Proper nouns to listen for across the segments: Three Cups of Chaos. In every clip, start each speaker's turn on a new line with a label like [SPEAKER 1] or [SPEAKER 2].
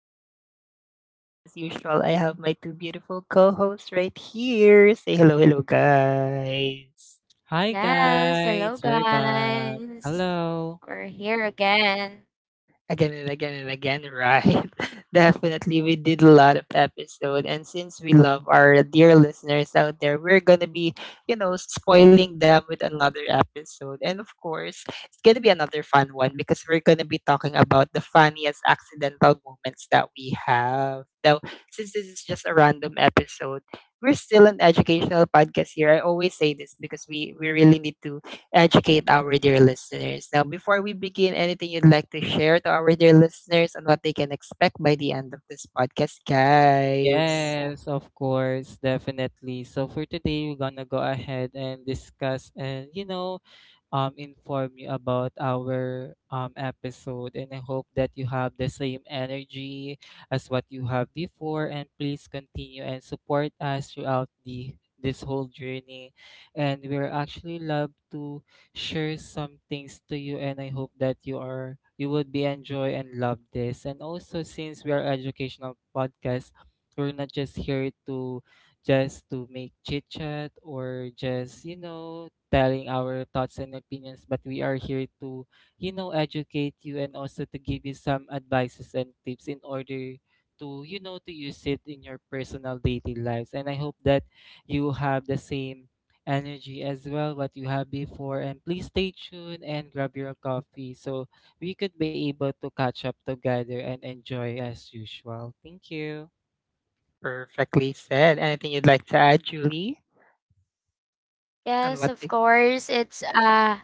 [SPEAKER 1] Cups of Chaos, and as usual, I have my two beautiful co hosts right here. Say hello, hello, guys.
[SPEAKER 2] Hi
[SPEAKER 3] Yes,
[SPEAKER 2] guys,
[SPEAKER 3] hello
[SPEAKER 2] we're back.
[SPEAKER 3] guys.
[SPEAKER 2] Hello.
[SPEAKER 3] We're here again.
[SPEAKER 1] Again and again and again, right? Definitely, we did a lot of episode, and since we love our dear listeners out there, we're gonna be spoiling them with another episode, and of course, it's gonna be another fun one because we're gonna be talking about the funniest accidental moments that we have. Now, since this is just a random episode, we're still an educational podcast here. I always say this because we really need to educate our dear listeners. Now, before we begin, anything you'd like to share to our dear listeners on what they can expect by the end of this podcast, guys?
[SPEAKER 2] Yes, of course, definitely. So for today, we're gonna go ahead and discuss and inform you about our episode. And I hope that you have the same energy as what you have before. And please continue and support us throughout the this whole journey. And we're actually love to share some things to you. And I hope that you would be enjoy and love this. And also since we are educational podcast, we're not just here to just to make chit chat or just telling our thoughts and opinions, but we are here to, you know, educate you and also to give you some advices and tips in order to use it in your personal daily lives. And I hope that you have the same energy as well what you have before, and please stay tuned and grab your coffee so we could be able to catch up together and enjoy as usual. Thank you.
[SPEAKER 1] Perfectly said. Anything you'd like to add, Julie? On
[SPEAKER 3] Yes,
[SPEAKER 1] what?
[SPEAKER 3] of
[SPEAKER 1] They-
[SPEAKER 3] course. It's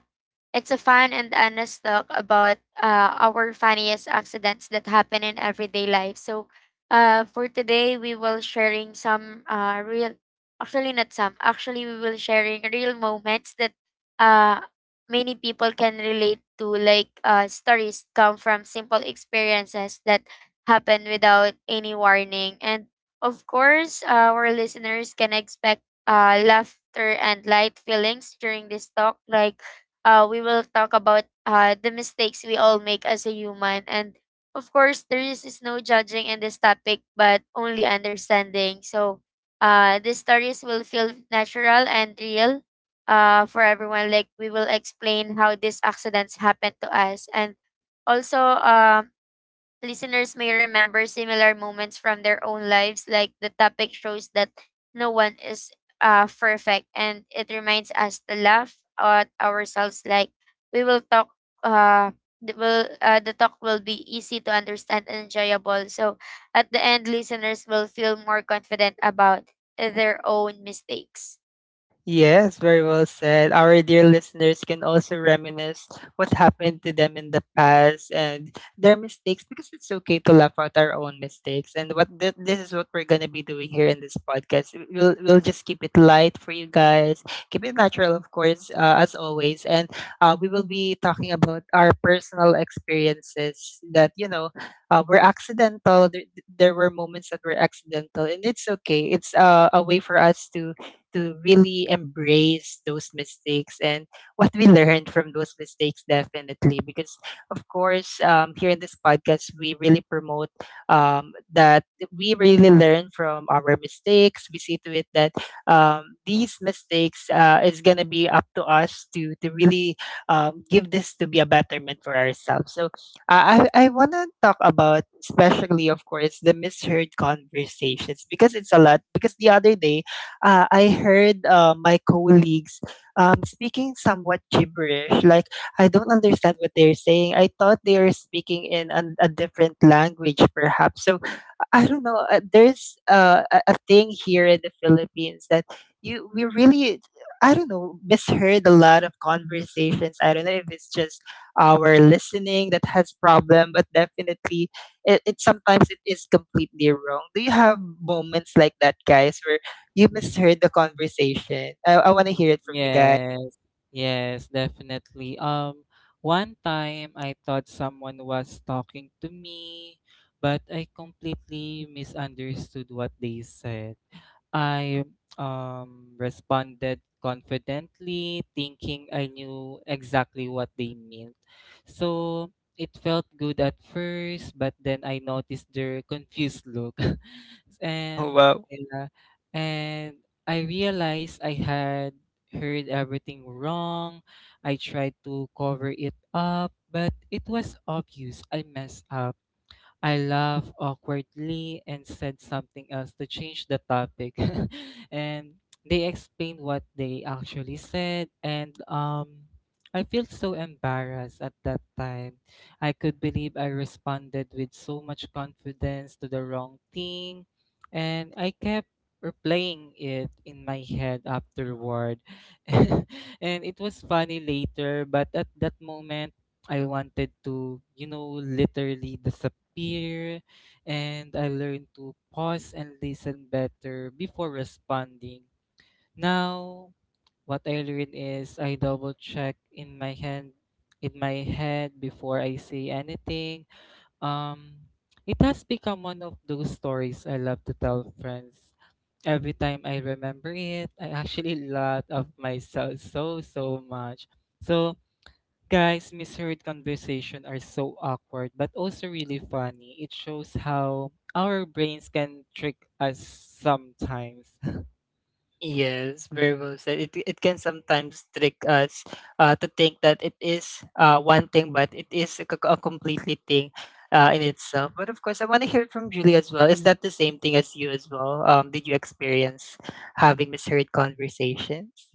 [SPEAKER 3] It's a fun and honest talk about our funniest accidents that happen in everyday life. So, for today, we will sharing some real, actually not some, actually we will sharing real moments that uh, many people can relate to, like stories come from simple experiences that happen without any warning. And of course, our listeners can expect laughter and light feelings during this talk, like we will talk about the mistakes we all make as a human. And of course, there is no judging in this topic, but only understanding. So the stories will feel natural and real for everyone. Like we will explain how these accidents happen to us. And also, listeners may remember similar moments from their own lives, like the topic shows that no one is perfect, and it reminds us to laugh at ourselves. Like we will talk, uh, the, will the talk will be easy to understand and enjoyable. So at the end, listeners will feel more confident about their own mistakes.
[SPEAKER 1] Yes, very well said. Our dear listeners can also reminisce what happened to them in the past and their mistakes because it's okay to laugh at our own mistakes. And what this is what we're gonna be doing here in this podcast. We'll just keep it light for you guys, keep it natural, of course, as always. And we will be talking about our personal experiences that were accidental. There were moments that were accidental, and it's okay. It's a way for us to really embrace those mistakes and what we learned from those mistakes definitely because of course here in this podcast we really promote that we really learn from our mistakes. We see to it that these mistakes is going to be up to us to really give this to be a betterment for ourselves. So I want to talk about, especially, of course, the misheard conversations because it's a lot. Because the other day, I heard my colleagues speaking somewhat gibberish. Like, I don't understand what they're saying. I thought they were speaking in a different language, perhaps. So I don't know. There's a thing here in the Philippines that you we really, I don't know, misheard a lot of conversations. I don't know if it's just our listening that has problem, but definitely it sometimes it is completely wrong. Do you have moments like that, guys, where you misheard the conversation? I want to hear it from you guys.
[SPEAKER 2] Yes, yes, definitely. One time I thought someone was talking to me, but I completely misunderstood what they said. I responded confidently, thinking I knew exactly what they meant. So it felt good at first, but then I noticed their confused look. and,
[SPEAKER 1] Oh, wow.
[SPEAKER 2] yeah, and I realized I had heard everything wrong. I tried to cover it up, but it was obvious I messed up. I laughed awkwardly and said something else to change the topic. And they explained what they actually said, and I felt so embarrassed at that time. I could believe I responded with so much confidence to the wrong thing, and I kept replaying it in my head afterward. And it was funny later, but at that moment I wanted to literally disappear. And I learned to pause and listen better before responding. Now, what I learned is I double check in my head before I say anything. Um it has become one of those stories I love to tell friends. Every time I remember it, I actually laugh of myself so much. So guys, misheard conversation are so awkward but also really funny. It shows how our brains can trick us sometimes.
[SPEAKER 1] Yes, very well said. It can sometimes trick us to think that it is one thing, but it is a completely thing in itself. But of course, I want to hear from Julie as well. Is that the same thing as you as well? Did you experience having misheard conversations?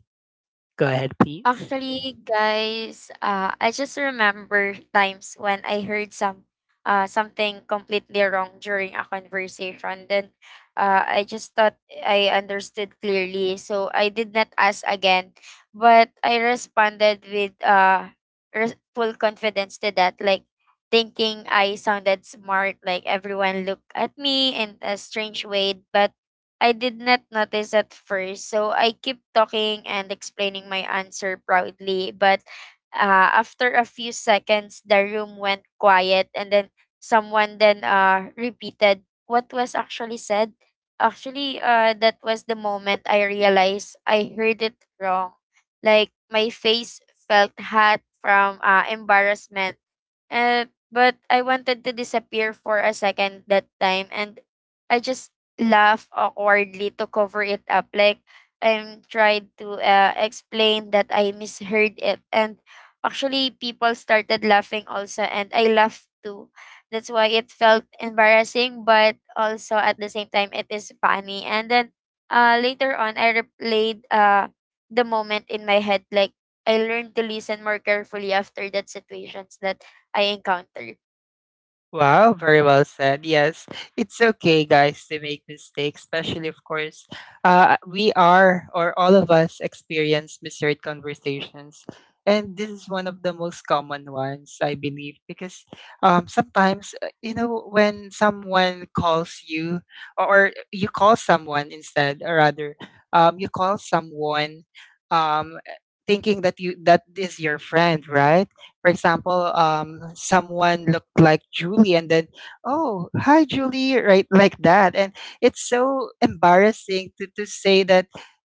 [SPEAKER 1] Go ahead, please.
[SPEAKER 3] Actually, guys, I just remember times when I heard some something completely wrong during a conversation. Then I just thought I understood clearly, so I did not ask again. But I responded with full confidence to that, like thinking I sounded smart, like everyone looked at me in a strange way. But I did not notice at first, so I keep talking and explaining my answer proudly. But after a few seconds, the room went quiet, and then someone then repeated what was actually said. Actually, that was the moment I realized I heard it wrong. Like my face felt hot from embarrassment, uh, but I wanted to disappear for a second that time, and I just laughed awkwardly to cover it up. Like I'm trying to explain that I misheard it. And actually, people started laughing also, and I laughed too. That's why it felt embarrassing, but also at the same time, it is funny. And then later on, I replayed the moment in my head, like I learned to listen more carefully after that situations that I encountered.
[SPEAKER 1] Wow, very well said. Yes, it's okay, guys, to make mistakes, especially, of course, we are, or all of us experience misheard conversations. And this is one of the most common ones, I believe, because sometimes, when someone calls you or you call someone instead, or rather, you call someone, um, thinking that you that is your friend, right? For example, someone looked like Julie, and then, oh, hi, Julie, right, like that. And it's so embarrassing to say that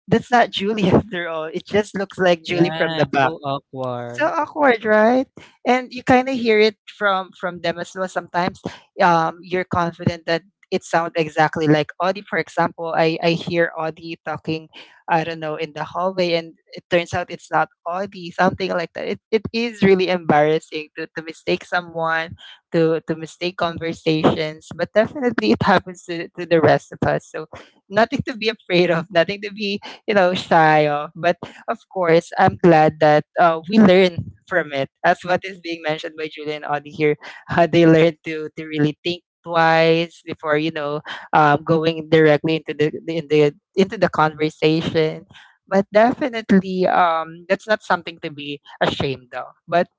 [SPEAKER 1] that's not Julie after all. It just looks like Julie from
[SPEAKER 2] Yeah,
[SPEAKER 1] the
[SPEAKER 2] it's
[SPEAKER 1] back.
[SPEAKER 2] so
[SPEAKER 1] So
[SPEAKER 2] awkward.
[SPEAKER 1] awkward, right? And you kind of hear it from them as well. Sometimes, you're confident that it sounds exactly like Audie. For example, I hear Audie talking, I don't know, in the hallway, and it turns out it's not Audie, something like that. It is really embarrassing to mistake someone, to mistake conversations, but definitely it happens to the rest of us. So nothing to be afraid of, nothing to be, you know, shy of, but of course, I'm glad that we learn from it. As what is being mentioned by Julian Audi here, they learn to really think twice before, you know, going directly into the- in the into the conversation. But definitely, that's not something to be ashamed of. But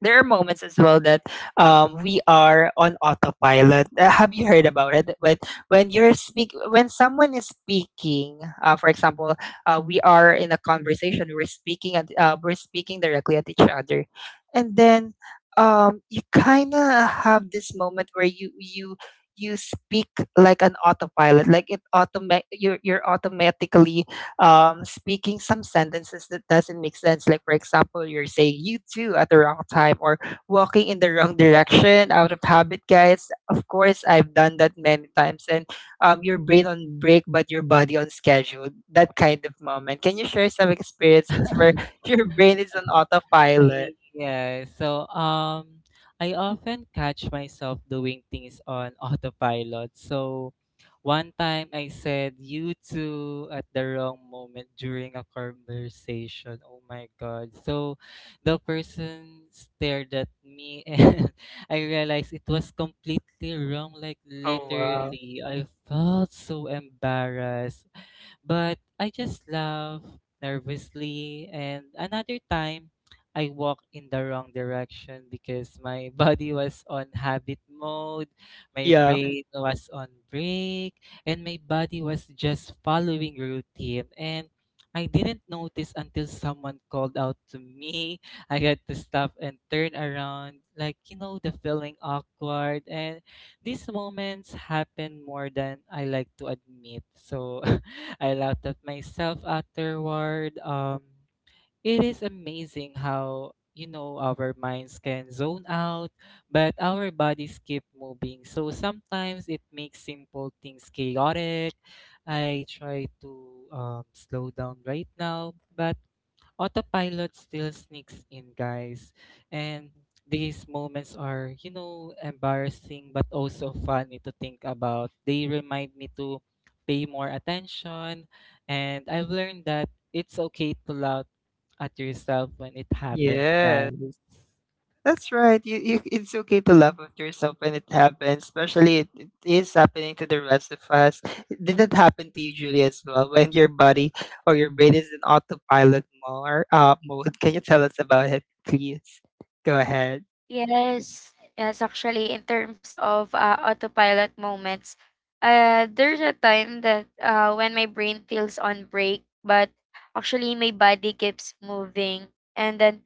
[SPEAKER 1] there are moments as well that we are on autopilot. Have you heard about it? But when you're speak, when someone is speaking, for example, we are in a conversation. We're speaking at we're speaking directly at each other, and then you kind of have this moment where you speak like an autopilot, like it automate you're automatically speaking some sentences that doesn't make sense. Like for example, you're saying "you too" at the wrong time or walking in the wrong direction out of habit, guys. Of course, I've done that many times, and your brain on break but your body on schedule. That kind of moment. Can you share some experiences where your brain is on autopilot?
[SPEAKER 2] Yeah, so I often catch myself doing things on autopilot. So one time I said you two at the wrong moment during a conversation. Oh my God. So the person stared at me and I realized it was completely wrong. Like
[SPEAKER 1] Oh, wow!
[SPEAKER 2] literally, I felt so embarrassed. But I just laugh nervously, and another time, I walked in the wrong direction because my body was on habit mode, my
[SPEAKER 1] Yeah. Right.
[SPEAKER 2] brain was on break, and my body was just following routine. And I didn't notice until someone called out to me. I had to stop and turn around, like the feeling awkward. And these moments happen more than I like to admit. So I laughed at myself afterward. It is amazing how our minds can zone out, but our bodies keep moving. So sometimes it makes simple things chaotic. I try to slow down right now, but autopilot still sneaks in, guys. And these moments are embarrassing but also funny to think about. They remind me to pay more attention, and I've learned that it's okay to laugh at yourself when it happens,
[SPEAKER 1] Yes.
[SPEAKER 2] guys.
[SPEAKER 1] That's right. It's okay to laugh with yourself when it happens, especially it is happening to the rest of us. Did that happen to you, Julie, as well? When your body or your brain is in autopilot more, mode, can you tell us about it, please? Go ahead.
[SPEAKER 3] Yes, yes, actually, in terms of autopilot moments, there's a time that when my brain feels on break, but actually my body keeps moving, and then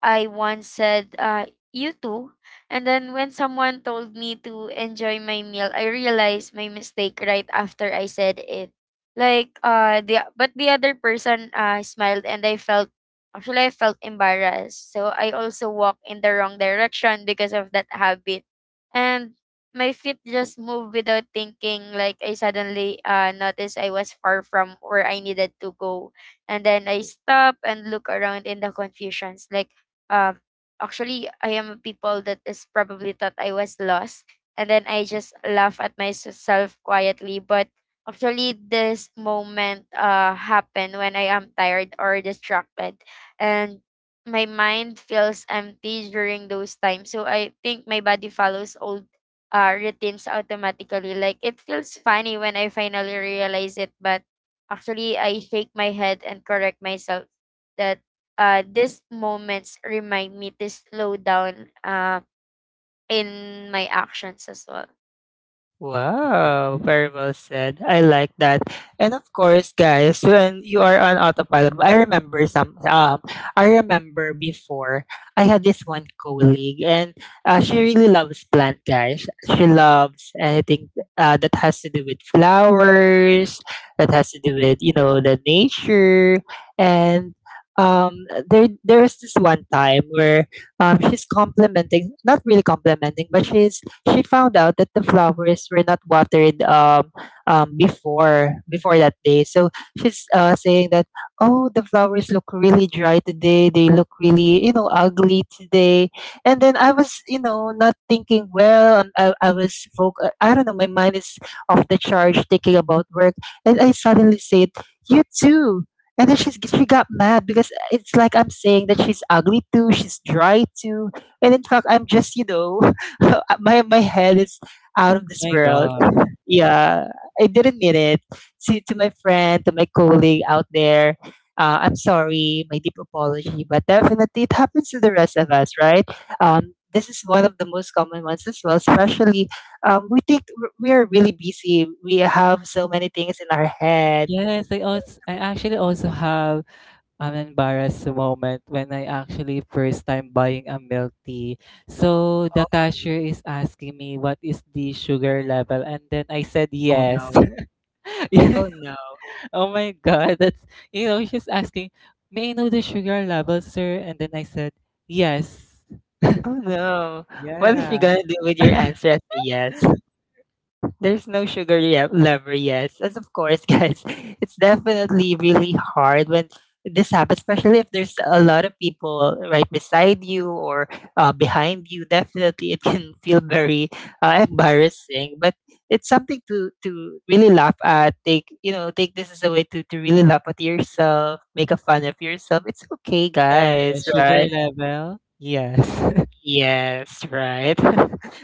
[SPEAKER 3] I once said, you too. And then when someone told me to enjoy my meal, I realized my mistake right after I said it. Like the other person smiled, and I felt, actually I felt embarrassed. So I also walked in the wrong direction because of that habit. And my feet just moved without thinking, like I suddenly noticed I was far from where I needed to go. And then I stop and look around in the confusions, like um, actually, I am a people that is probably thought I was lost, and then I just laugh at myself quietly. But actually, this moment happened when I am tired or distracted, and my mind feels empty during those times. So I think my body follows old routines automatically. Like it feels funny when I finally realize it, but actually I shake my head and correct myself that these moments remind me to slow down in my actions as well.
[SPEAKER 2] Yeah.
[SPEAKER 1] Wow, very well said. I like that. And of course, guys, when you are on autopilot, I remember before I had this one colleague, and she really loves plant guys. She loves anything that has to do with flowers, that has to do with, you know, the nature, and um there was this one time where she's complimenting, not really complimenting, but she found out that the flowers were not watered before that day. So she's, saying that, oh, the flowers look really dry today. They look really, you know, ugly today. And then I was, you know, not thinking well. And I was folk. I don't know. My mind is off the charge thinking about work, and I suddenly said, you too. And then she got mad because it's like I'm saying that she's ugly too, she's dry too, and in fact, I'm just, you know, my head is out of
[SPEAKER 2] Oh
[SPEAKER 1] this
[SPEAKER 2] my
[SPEAKER 1] world.
[SPEAKER 2] god.
[SPEAKER 1] Yeah, I didn't mean it. To my friend, to my colleague out there, I'm sorry, my deep apology, but definitely it happens to the rest of us, right? This is one of the most common ones as well. Especially, we are really busy. We have so many things in our head.
[SPEAKER 2] Yes, I also I actually also have I an embarrassed moment when I actually first time buying a milk tea. So the
[SPEAKER 1] Oh,
[SPEAKER 2] cashier is asking me what is the sugar level, and then I said
[SPEAKER 1] oh
[SPEAKER 2] yes.
[SPEAKER 1] no.
[SPEAKER 2] Yeah.
[SPEAKER 1] Oh no.
[SPEAKER 2] Oh my god, that's she's asking, "May I know the sugar level, sir?" And then I said, "Yes."
[SPEAKER 1] Oh no. What is she
[SPEAKER 2] Yeah.
[SPEAKER 1] gonna do with your answer as a yes? There's no lever, yes. As of course, guys, it's definitely really hard when this happens, especially if there's a lot of people right beside you or behind you. Definitely, it can feel very embarrassing, but it's something to really laugh at. Take, you know, take this as a way to really laugh at yourself, make a fun of yourself. It's okay,
[SPEAKER 2] Yeah.
[SPEAKER 1] guys,
[SPEAKER 2] Sugar
[SPEAKER 1] right?
[SPEAKER 2] level? Yes.
[SPEAKER 1] Yes, right.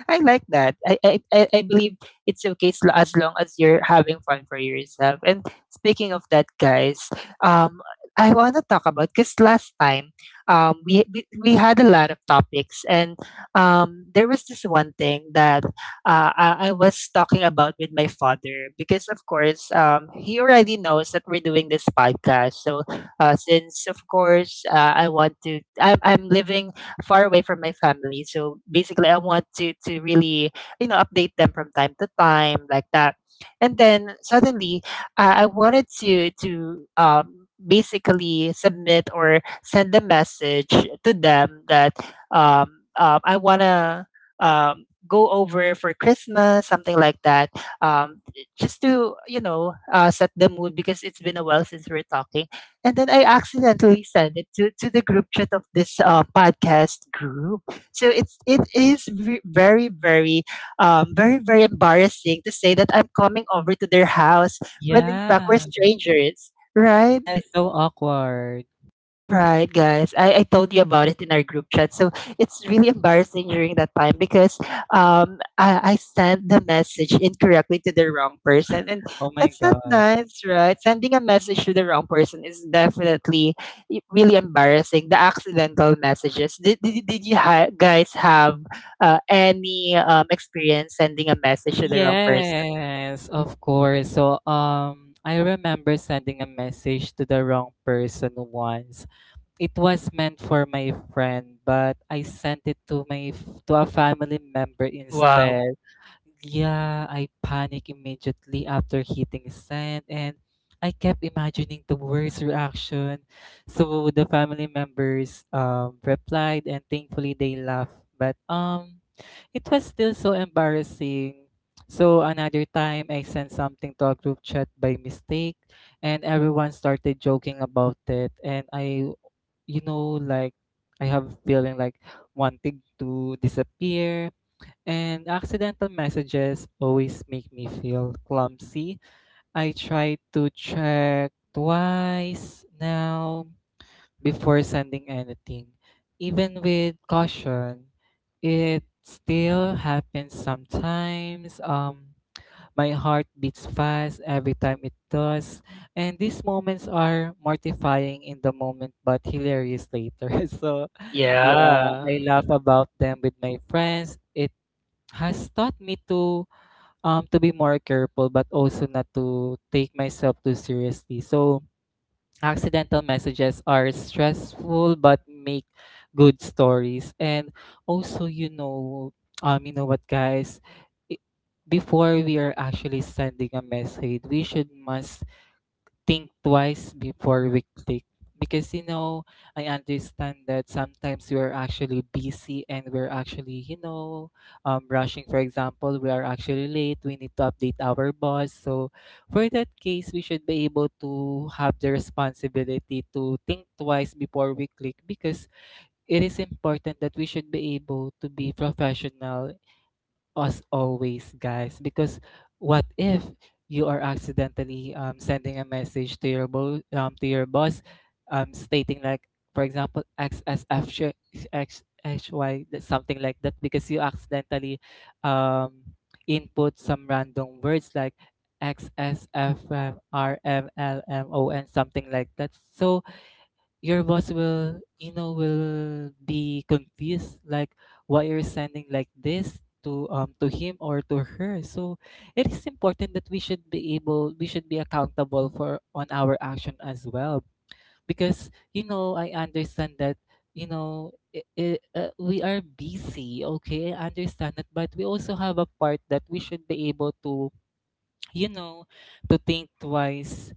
[SPEAKER 1] I like that. I believe it's okay as, as long as you're having fun for yourself. And speaking of that, guys, um, I want to talk about, because last time, we had a lot of topics, and there was this one thing that I was talking about with my father because, of course, he already knows that we're doing this podcast. So, since of course, I want to, I'm living far away from my family. So basically, I want to really, you know, update them from time to time like that. And then suddenly, I wanted to basically submit or send a message to them that I wanna go over for Christmas, something like that. Um, just to, you know, set the mood because it's been a while since we're talking, and then I accidentally sent it to the group chat of this podcast group. So it's it is ve- very very very very embarrassing to say that I'm coming over to their house when in
[SPEAKER 2] Yeah.
[SPEAKER 1] fact we're strangers, right?
[SPEAKER 2] That's so awkward.
[SPEAKER 1] Right, guys. I told you about it in our group chat. So it's really embarrassing during that time because I sent the message incorrectly to the wrong person. And
[SPEAKER 2] Oh my
[SPEAKER 1] that's not
[SPEAKER 2] god.
[SPEAKER 1] nice, right? Sending a message to the wrong person is definitely really embarrassing. The accidental messages. Did you guys have any experience sending a message to the wrong person?
[SPEAKER 2] Yes, of course. So, I remember sending a message to the wrong person once. It was meant for my friend, but I sent it to to a family member
[SPEAKER 1] Wow.
[SPEAKER 2] instead. Yeah, I panicked immediately after hitting send, and I kept imagining the worst reaction. So the family members replied, and thankfully they laughed. But it was still so embarrassing. So another time I sent something to a group chat by mistake, and everyone started joking about it, and I like I have feeling like wanting to disappear. And accidental messages always make me feel clumsy. I try to check twice now before sending anything. Even with caution, it still happens sometimes. My heart beats fast every time it does. And these moments are mortifying in the moment but hilarious later. So, yeah,
[SPEAKER 1] Yeah.
[SPEAKER 2] I laugh about them with my friends. It has taught me to be more careful but also not to take myself too seriously. So accidental messages are stressful but make good stories. And also you know what guys, i- before we are actually sending a message, we should must think twice before we click, because I understand that sometimes we're actually busy and we're actually rushing. For example, we are actually late, we need to update our boss, so for that case we should be able to have the responsibility to think twice before we click, because it is important that we should be able to be professional us always, guys. Because what if you are accidentally sending a message to your to your boss, stating like, for example, XSF XXY something like that, because you accidentally um, input some random words like XSFRMLMO and something like that. So your boss will will be confused like why you're sending like this to him or to her. So it is important that we should be accountable for on our action as well, because I understand that you know I we are busy. Okay, I understand that, but we also have a part that we should be able to you know to think twice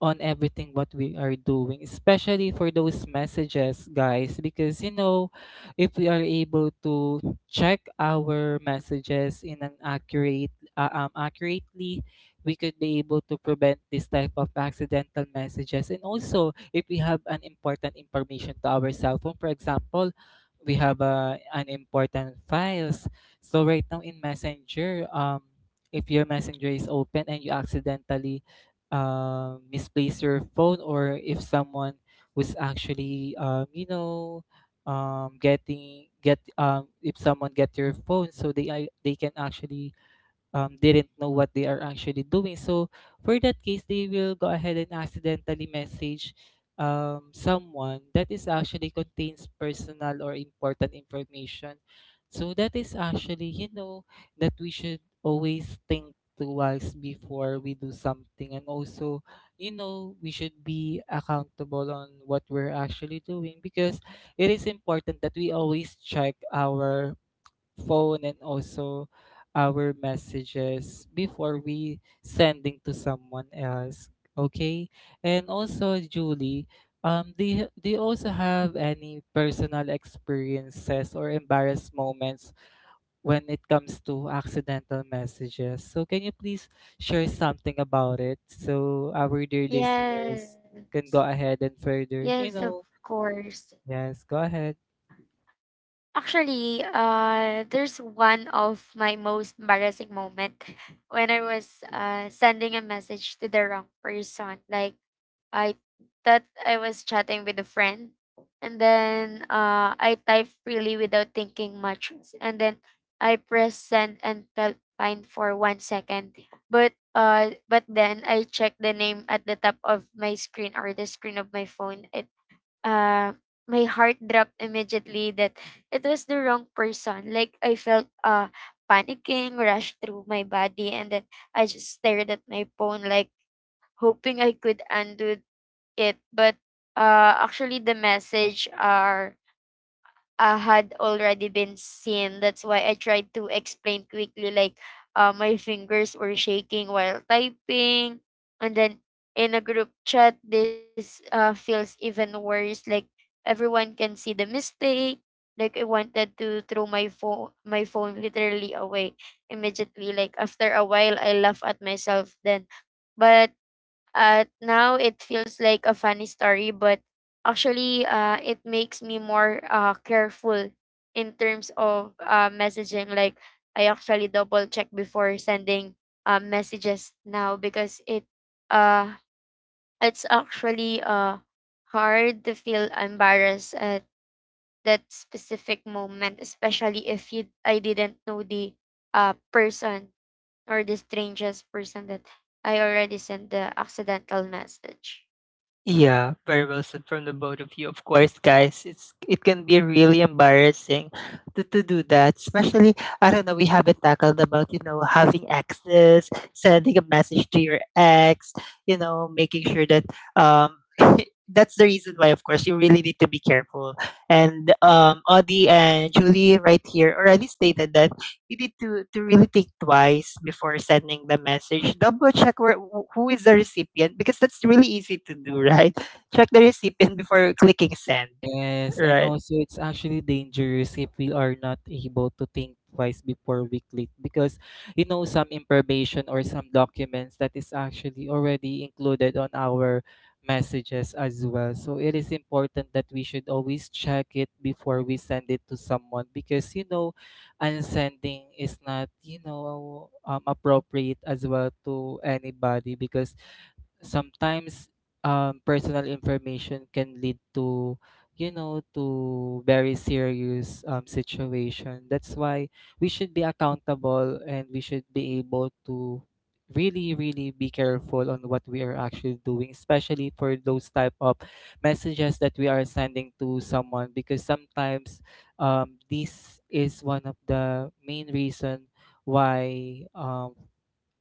[SPEAKER 2] on everything what we are doing, especially for those messages, guys, because if we are able to check our messages in an accurate accurately, we could be able to prevent this type of accidental messages. And also, if we have an important information to our cell phone, for example, we have an important files. So right now in messenger if your messenger is open and you accidentally misplace your phone, or if someone was actually getting get if someone get your phone, so they can actually didn't know what they are actually doing. So for that case, they will go ahead and accidentally message someone that is actually contains personal or important information. So that is actually that we should always think twice before we do something. And also we should be accountable on what we're actually doing, because it is important that we always check our phone and also our messages before we sending to someone else. Okay. And also Julie, do you also have any personal experiences or embarrassed moments when it comes to accidental messages, so can you please share something about it so our dear listeners
[SPEAKER 3] Yes.
[SPEAKER 2] can go ahead and further
[SPEAKER 3] Yes, of course.
[SPEAKER 2] yes go ahead.
[SPEAKER 3] Actually, there's one of my most embarrassing moment when I was sending a message to the wrong person. Like I thought I was chatting with a friend, and then I typed freely without thinking much, and then I pressed send and felt fine for 1 second. But then I checked the name at the top of my screen or the screen of my phone. It uh, my heart dropped immediately that it was the wrong person. Like I felt panicking rush through my body, and then I just stared at my phone like hoping I could undo it. But actually the message are had already been seen. That's why I tried to explain quickly, like my fingers were shaking while typing. And then in a group chat, this feels even worse. Like everyone can see the mistake. Like I wanted to throw my phone literally away immediately. Like after a while, I laugh at myself then. But now it feels like a funny story, but actually, it makes me more careful in terms of messaging. Like, I actually double check before sending messages now because it uh, it's actually hard to feel embarrassed at that specific moment, especially if you I didn't know the person or the strangest person that I already sent the accidental message.
[SPEAKER 1] Yeah, very well said from the both of you. Of course, guys, it can be really embarrassing to do that. Especially, I don't know, we haven't tackled about, you know, having exes, sending a message to your ex, you know, making sure that um that's the reason why, of course, you really need to be careful. And Audie and Julie right here already stated that you need to really think twice before sending the message. Double check where who is the recipient because that's really easy to do, right? Check the recipient before clicking send,
[SPEAKER 2] Yes, and
[SPEAKER 1] right?
[SPEAKER 2] also it's actually dangerous if we are not able to think twice before we click, because some information or some documents that is actually already included on our messages as well. So it is important that we should always check it before we send it to someone, because unsending is not appropriate as well to anybody, because sometimes personal information can lead to to very serious situation. That's why we should be accountable and we should be able to really be careful on what we are actually doing, especially for those type of messages that we are sending to someone, because sometimes this is one of the main reason why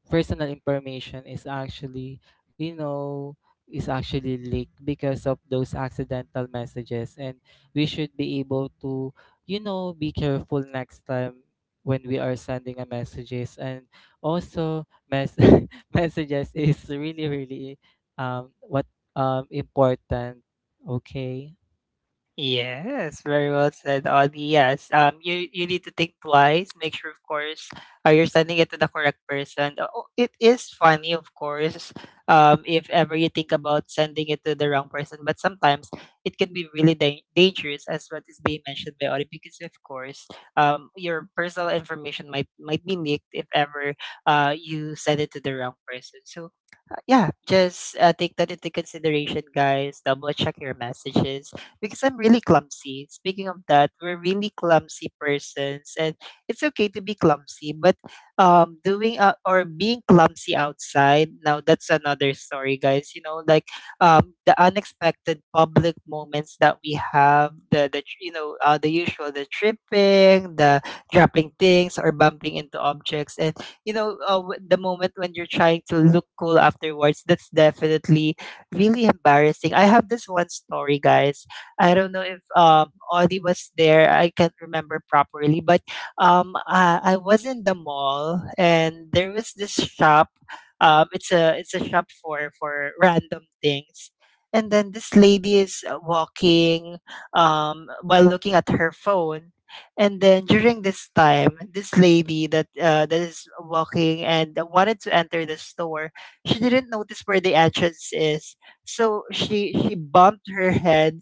[SPEAKER 2] personal information is actually you know is actually leaked because of those accidental messages. And we should be able to be careful next time when we are sending a messages. And also mess messages is really what important. Okay.
[SPEAKER 1] Yes, very well said, Ollie. Yes, you you need to think twice. Make sure, of course, you're sending it to the correct person. Oh, it is funny, of course, if ever you think about sending it to the wrong person. But sometimes it can be really dangerous, as what is being mentioned by Ollie, because of course, your personal information might be leaked if ever you send it to the wrong person. So yeah, just take that into consideration, guys. Double check your messages because I'm really clumsy. Speaking of that, we're really clumsy persons, and it's okay to be clumsy. But doing or being clumsy outside, now that's another story, guys. You know, like the unexpected public moments that we have, the tr- you know the usual, the tripping, the dropping things, or bumping into objects, and the moment when you're trying to look cool afterwards, that's definitely really embarrassing. I have this one story, guys. I don't know if Audie was there. I can't remember properly, but I was in the mall and there was this shop. It's a shop for random things. And then this lady is walking while looking at her phone. And then during this time, this lady that that is walking and wanted to enter the store, she didn't notice where the entrance is. So she bumped her head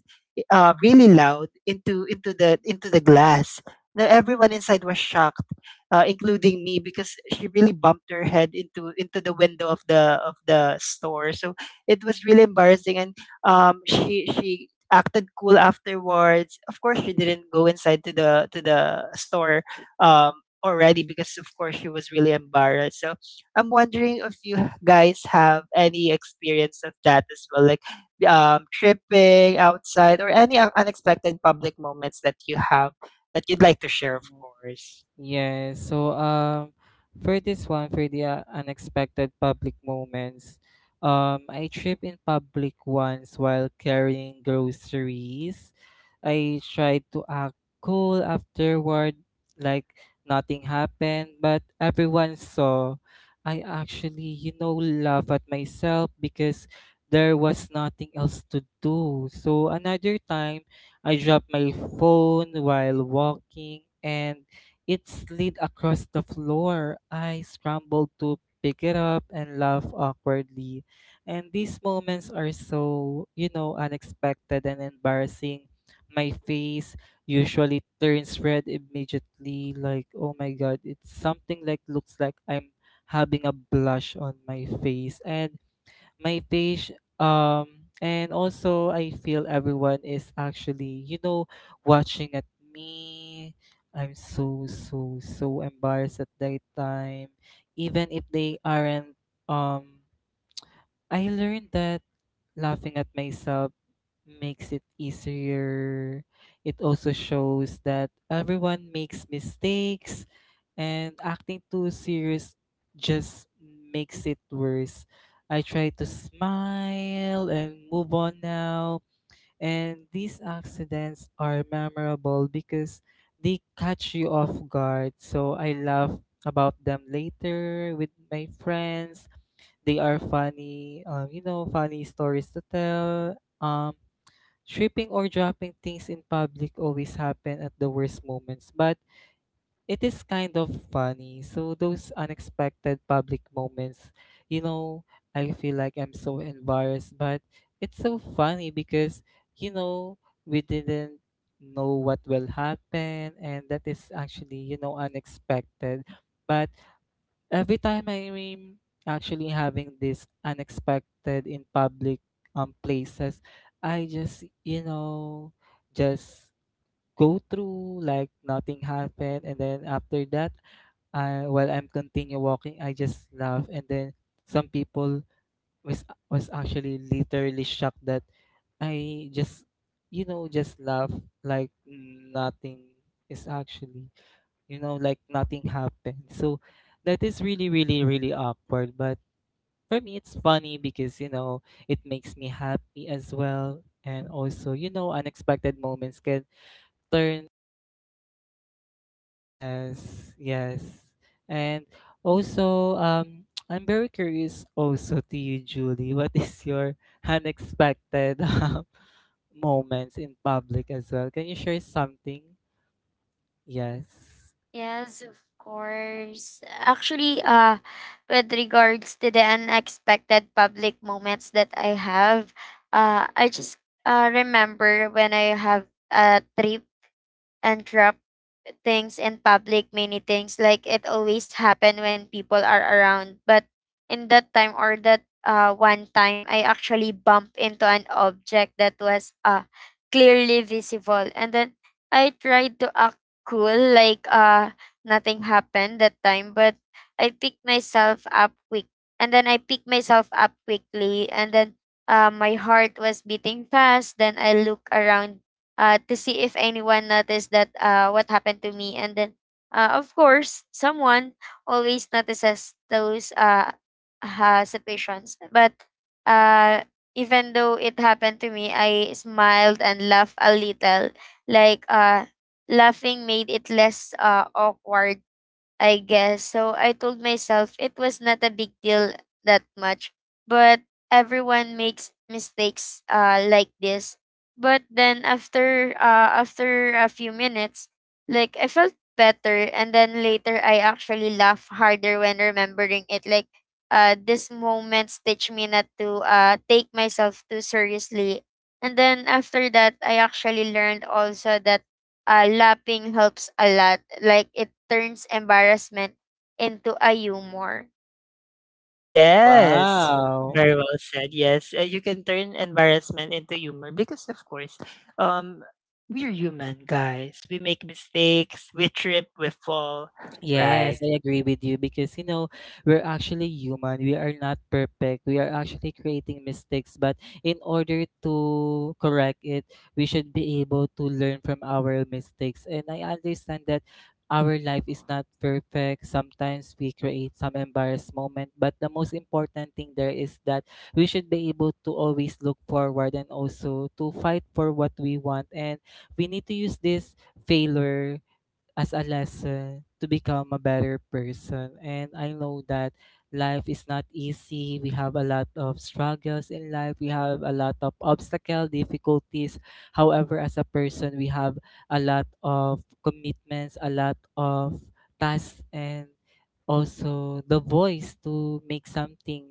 [SPEAKER 1] really loud into the glass. Now everyone inside was shocked, including me, because she really bumped her head into the window of the store. So it was really embarrassing, and she acted cool afterwards. Of course, she didn't go inside to the store um, already because, of course, she was really embarrassed. So I'm wondering if you guys have any experience of that as well, like tripping outside or any unexpected public moments that you have that you'd like to share, of course.
[SPEAKER 2] Yeah, so for this one, for the unexpected public moments, I tripped in public once while carrying groceries. I tried to act cool afterward, like nothing happened, but everyone saw. I actually laugh at myself because there was nothing else to do. So another time, I dropped my phone while walking and it slid across the floor. I scrambled to pick it up and laugh awkwardly. And these moments are so, unexpected and embarrassing. My face usually turns red immediately, like, oh my god, it's something like looks like I'm having a blush on my face. And my page um and also I feel everyone is actually, watching at me. I'm so embarrassed at that time, even if they aren't. um I learned that laughing at myself makes it easier. It also shows that everyone makes mistakes, and acting too serious just makes it worse. I try to smile and move on now. And these accidents are memorable because they catch you off guard. So I laugh about them later with my friends. They are funny, funny stories to tell. Tripping or dropping things in public always happen at the worst moments, but it is kind of funny. So those unexpected public moments, you know, I feel like I'm so embarrassed, but it's so funny because, you know, we didn't know what will happen, and that is actually, unexpected. But every time I'm actually having this unexpected in public places, I just, just go through like nothing happened, and then after that, I while I'm continue walking, I just laugh, and then some people was actually literally shocked that I just, just laugh like nothing is actually, like nothing happened. So that is really, really, really awkward. But for me, it's funny because, it makes me happy as well. And also, unexpected moments can turn. Yes, yes. And also, I'm very curious also to you, Julie. What is your unexpected moments in public as well? Can you share something? Yes.
[SPEAKER 3] Yes, of course. Actually, with regards to the unexpected public moments that I have, I just remember when I have a trip and drop things in public many things, like it always happen when people are around. But in that time or that one time, I actually bumped into an object that was clearly visible, and then I tried to act cool like nothing happened that time. But i picked myself up quick I picked myself up quickly, and then my heart was beating fast, then I look around to see if anyone noticed that what happened to me. And then, of course, someone always notices those situations. But uh, even though it happened to me, I smiled and laughed a little. Like, laughing made it less awkward, I guess. So I told myself it was not a big deal that much, but everyone makes mistakes like this. But then after after a few minutes, like I felt better, and then later I actually laugh harder when remembering it, like this moments teach me not to take myself too seriously. And then after that I actually learned also that laughing helps a lot. Like it turns embarrassment into a humor.
[SPEAKER 1] Yes, ah,
[SPEAKER 2] Wow.
[SPEAKER 1] very well said. Yes, you can turn embarrassment into humor because, of course, um, we're human, guys. We make mistakes, we trip, we fall, right?
[SPEAKER 2] Yes, I agree with you because, we're actually human. We are not perfect. We are actually creating mistakes, but in order to correct it, we should be able to learn from our mistakes. And I understand that our life is not perfect. Sometimes we create some embarrassed moment, but the most important thing there is that we should be able to always look forward and also to fight for what we want. And we need to use this failure as a lesson to become a better person. And I know that life is not easy. We have a lot of struggles in life. We have a lot of obstacle, difficulties. However, as a person, we have a lot of commitments, a lot of tasks, and also the voice to make something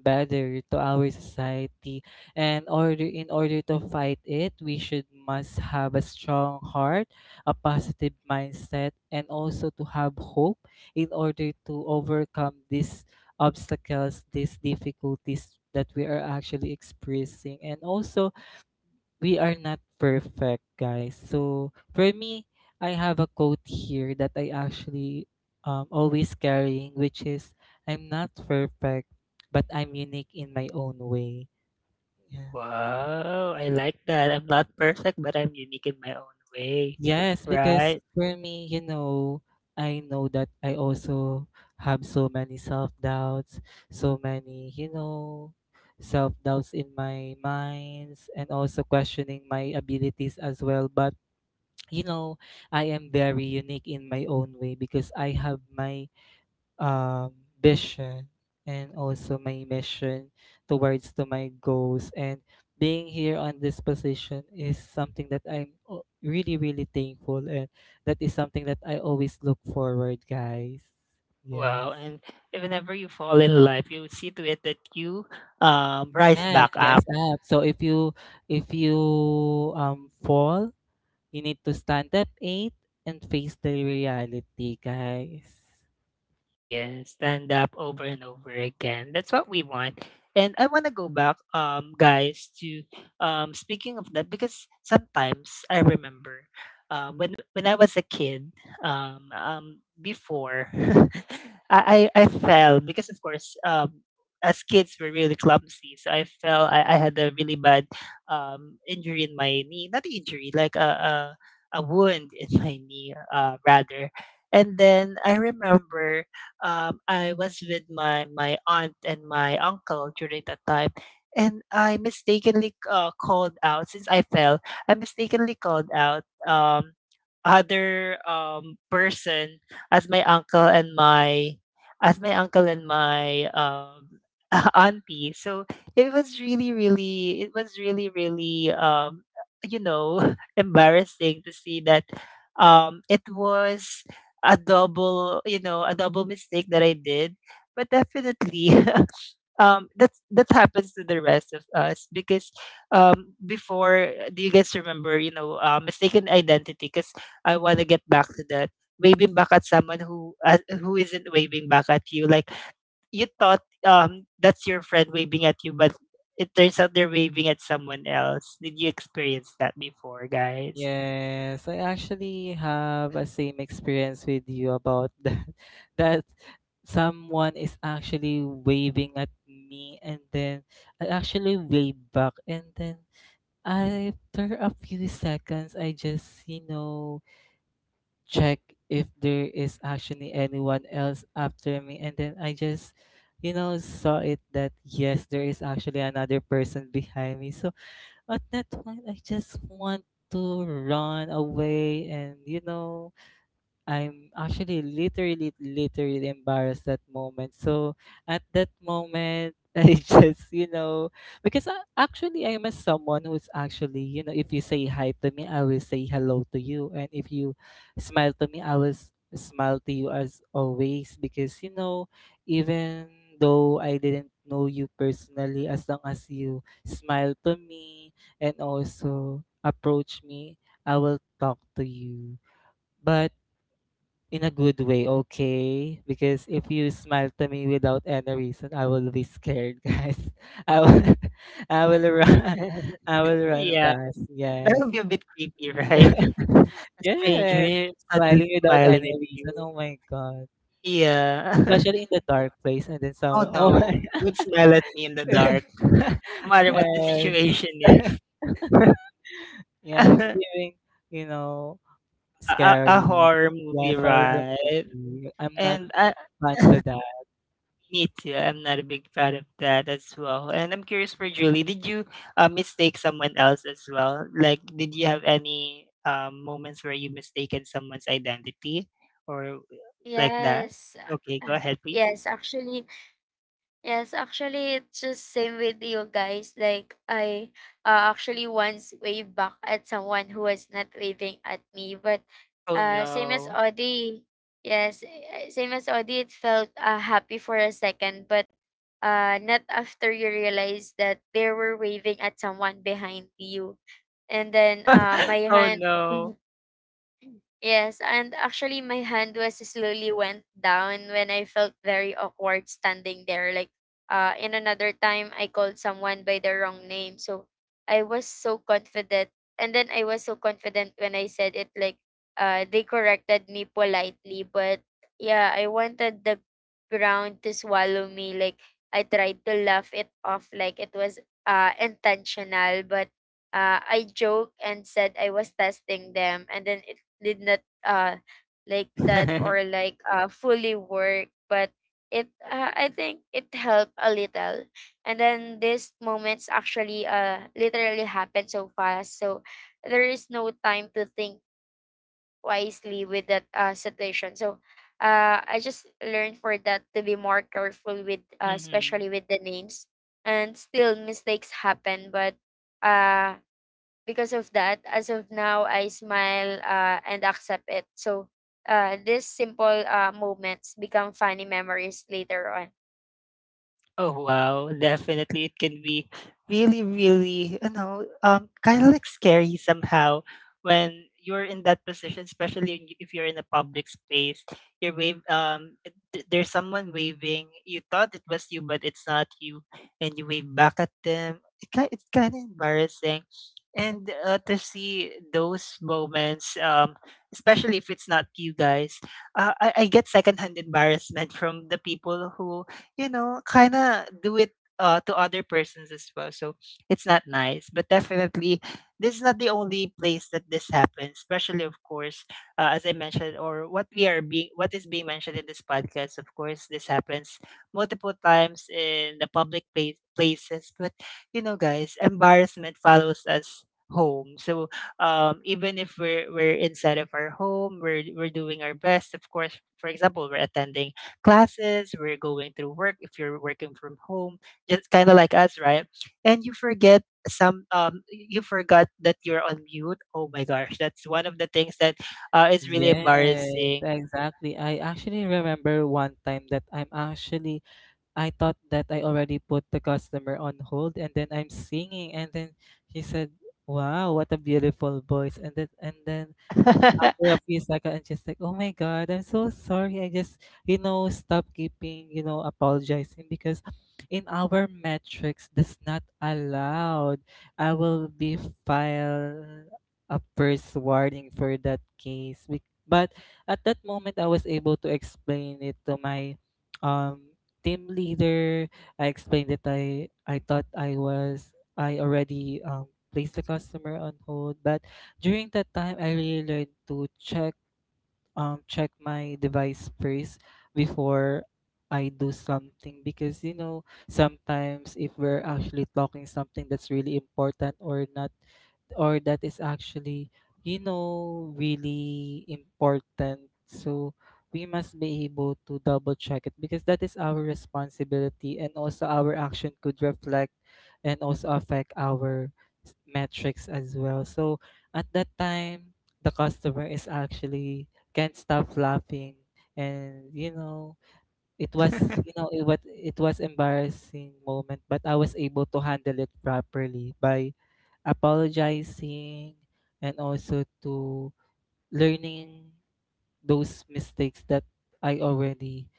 [SPEAKER 2] better to our society, and order in order to fight it, we should must have a strong heart, a positive mindset, and also to have hope in order to overcome these obstacles, these difficulties that we are actually experiencing. And also, we are not perfect, guys. So, for me, I have a quote here that I actually always carrying, which is I'm not perfect, but I'm unique in my own way.
[SPEAKER 1] Yeah.
[SPEAKER 2] Yeah.
[SPEAKER 1] Wow, I like that. I'm not perfect, but I'm unique in my own way,
[SPEAKER 2] Yes, because
[SPEAKER 1] right?
[SPEAKER 2] for me, I know that I also have so many self-doubts, so many, self-doubts in my minds and also questioning my abilities as well. But, you know, I am very unique in my own way because I have my um, vision and also my mission towards to my goals, and being here on this position is something that really really thankful, and that is something that I always look forward, guys. Yes.
[SPEAKER 1] Wow, and if whenever you fall in life, you see to it that you rise
[SPEAKER 2] Yeah,
[SPEAKER 1] back
[SPEAKER 2] yes.
[SPEAKER 1] up.
[SPEAKER 2] Up, so if you fall, you need to stand up eight and face the reality, guys.
[SPEAKER 1] Yeah, stand up over and over again. That's what we want. And I want to go back, guys, to speaking of that because sometimes I remember when I was a kid, before I fell because of course as kids we're really clumsy, so I fell. I had a really bad injury in my knee, not injury, like a wound in my knee, rather. And then I remember I was with my aunt and my uncle during that time, and I mistakenly called out since I fell. I mistakenly called out other person as my uncle and my as my uncle and my auntie. So it was really, really, you know, embarrassing to see that it was a double, you know, a double mistake that I did. But definitely, that's that happens to the rest of us because before, do you guys remember, you know, mistaken identity? Because I want to get back to that, waving back at someone who isn't waving back at you. Like you thought that's your friend waving at you, but it turns out they're waving at someone else. Did you experience that before, guys?
[SPEAKER 2] Yes, I actually have a same experience with you about that. That someone is actually waving at me, and then I actually wave back, and then after a few seconds, I just, check if there is actually anyone else after me, and then I just, saw it that yes, there is actually another person behind me. So at that point I just want to run away, and, I'm actually literally, literally embarrassed that moment. So at that moment, I just, because I am a someone who's actually, if you say hi to me, I will say hello to you. And if you smile to me, I will smile to you as always. Because, even though I didn't know you personally, as long as you smile to me and also approach me, I will talk to you. But in a good way, okay? Because if you smile to me without any reason, I will be scared, guys. I will, I will run, I will run
[SPEAKER 1] Yeah.
[SPEAKER 2] fast.
[SPEAKER 1] That
[SPEAKER 2] Yes,
[SPEAKER 1] would be a bit creepy, right? A
[SPEAKER 2] yes.
[SPEAKER 1] stranger suddenly
[SPEAKER 2] Smiling without
[SPEAKER 1] smiling
[SPEAKER 2] any
[SPEAKER 1] at
[SPEAKER 2] reason.
[SPEAKER 1] you.
[SPEAKER 2] Oh my god.
[SPEAKER 1] Yeah.
[SPEAKER 2] Especially in the dark place and then
[SPEAKER 1] Oh
[SPEAKER 2] somewhere.
[SPEAKER 1] no.
[SPEAKER 2] Oh my.
[SPEAKER 1] You would smile at me in the dark. No matter what the
[SPEAKER 2] Yes.
[SPEAKER 1] situation is.
[SPEAKER 2] Yeah, it's
[SPEAKER 1] a,
[SPEAKER 2] giving, you know,
[SPEAKER 1] a
[SPEAKER 2] scary.
[SPEAKER 1] horror movie,
[SPEAKER 2] Yes, horror
[SPEAKER 1] right?
[SPEAKER 2] movie. I'm not
[SPEAKER 1] And I
[SPEAKER 2] fun to that.
[SPEAKER 1] Me too. I'm not a big fan of that as well. And I'm curious for Julie, did you mistake someone else as well? Like, did you have any moments where you mistaken someone's identity or like that? Okay, go ahead, please. Oh no. Oh no. Mm-hmm. Oh wow, definitely it can be really, really, you know, kind of like scary somehow when you're in that position, especially if you're in a public space. You're wave, there's someone waving. You thought it was you, but it's not you, and you wave back at them. It's kind of embarrassing, and to see those moments, especially if it's not you, guys, I get secondhand embarrassment from the people who, you know, kind of do it to other persons as well. So it's not nice. But definitely, this is not the only place that this happens, especially, of course, as I mentioned, or what we are being, what is being mentioned in this podcast. Of course, this happens multiple times in the public places. But, you know, guys, embarrassment follows us home. So even if we're inside of our home, we're doing our best. Of course, for example, we're attending classes, we're going through work if you're working from home, just kind of like us, right? And you forget some you forgot that you're on mute. Oh my gosh, that's one of the things that is really
[SPEAKER 2] Yes,
[SPEAKER 1] embarrassing.
[SPEAKER 2] exactly. I actually remember one time that I thought that I already put the customer on hold, and then I'm singing, and then she said, "Wow, what a beautiful voice." And then after a few seconds, I'm just like, "Oh my god, I'm so sorry. I just, stop keeping, apologizing," because in our metrics that's not allowed. I will be file a first warning for that case. But at that moment, I was able to explain it to my um team leader. I explained that I thought I already placed the customer on hold, but during that time, I really learned to check check my device first before I do something, because, sometimes if we're actually talking something that's really important or not, or that is actually, really important. So we must be able to double check it because that is our responsibility, and also our action could reflect and also affect our metrics as well. So at that time, the customer is actually can't stop laughing, and, it was, it was embarrassing moment, but I was able to handle it properly by apologizing, and also to learning those mistakes that I already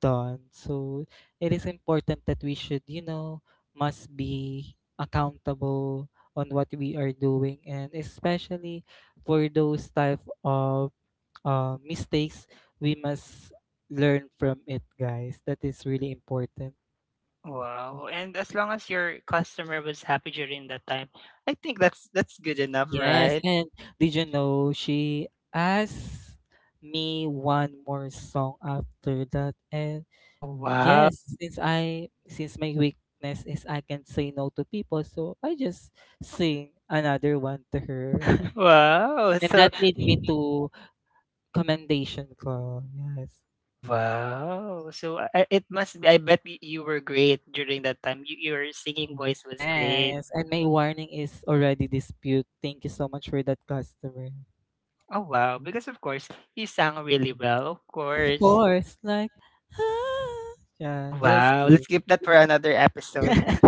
[SPEAKER 2] done. So it is important that we should, must be accountable on what we are doing, and especially for those type of mistakes, we must learn from it, guys. That is really important.
[SPEAKER 1] Wow. And as long as your customer was happy during that time, I think that's good enough,
[SPEAKER 2] Yes,
[SPEAKER 1] right?
[SPEAKER 2] and did you know she asked me one more song after that? And
[SPEAKER 1] Oh, wow.
[SPEAKER 2] yes, since I since my weakness is I can say no to people, so I just sing another one to her.
[SPEAKER 1] Wow.
[SPEAKER 2] And
[SPEAKER 1] So
[SPEAKER 2] that led me to commendation call. Yes.
[SPEAKER 1] wow. So I, it must be, I bet you were great during that time. You, your singing voice was great.
[SPEAKER 2] Yes, and my warning is already dispute. Thank you so much for that customer.
[SPEAKER 1] Oh, wow, because of course, he sang really well, of
[SPEAKER 2] Of
[SPEAKER 1] course.
[SPEAKER 2] course, like, ah.
[SPEAKER 1] Oh,
[SPEAKER 2] Yeah, just
[SPEAKER 1] wow, let's
[SPEAKER 2] kidding.
[SPEAKER 1] keep that for another episode.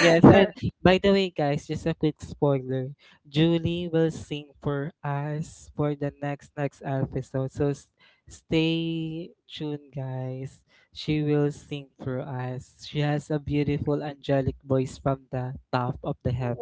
[SPEAKER 2] Yes, and by the way, guys, just a quick spoiler. Julie will sing for us for the next episode. So stay tuned, guys. She will sing for us. She has a beautiful angelic voice from the top of the heaven.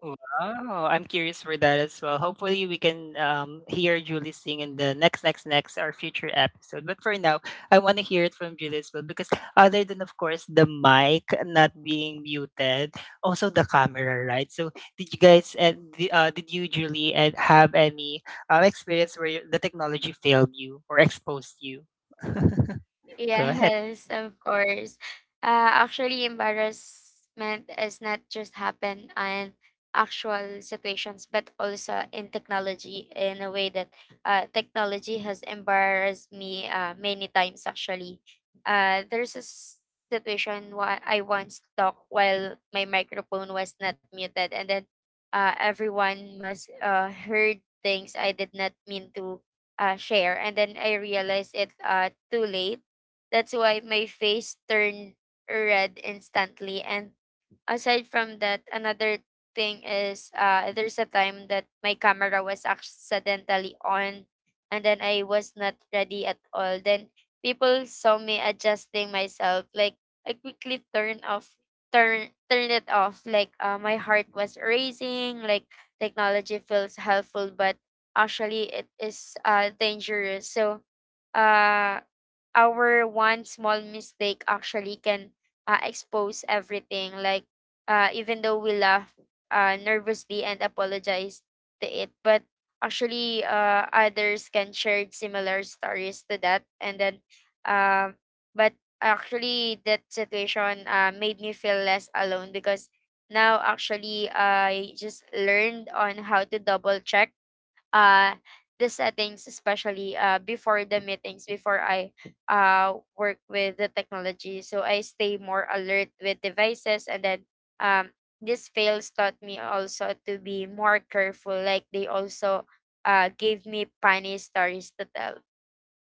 [SPEAKER 1] Wow, I'm curious for that as well. Hopefully, we can hear Julie sing in the next, next, next, our future episode. But for now, I want to hear it from Julie as well because other than, of course, the mic not being muted, also the camera, right? So, did you guys and the Julie, and have any experience where the technology failed you or exposed you? Go ahead.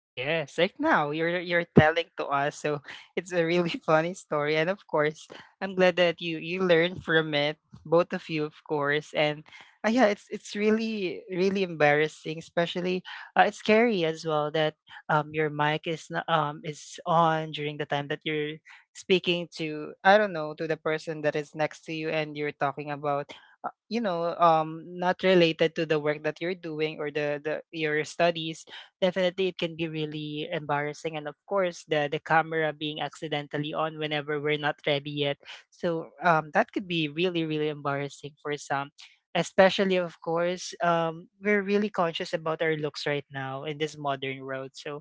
[SPEAKER 1] Yes, like now you're telling to us, so it's a really funny story. And of course, I'm glad that you learned from it, both of you, of course. And yeah, it's really really embarrassing, especially it's scary as well that your mic is not, is on during the time that you're speaking to, I don't know, to the person that is next to you, and you're talking about, you know, not related to the work that you're doing, or the your studies. Definitely it can be really embarrassing, and of course the camera being accidentally on whenever we're not ready yet. So that could be really really embarrassing for some, especially of course, we're really conscious about our looks right now in this modern world. So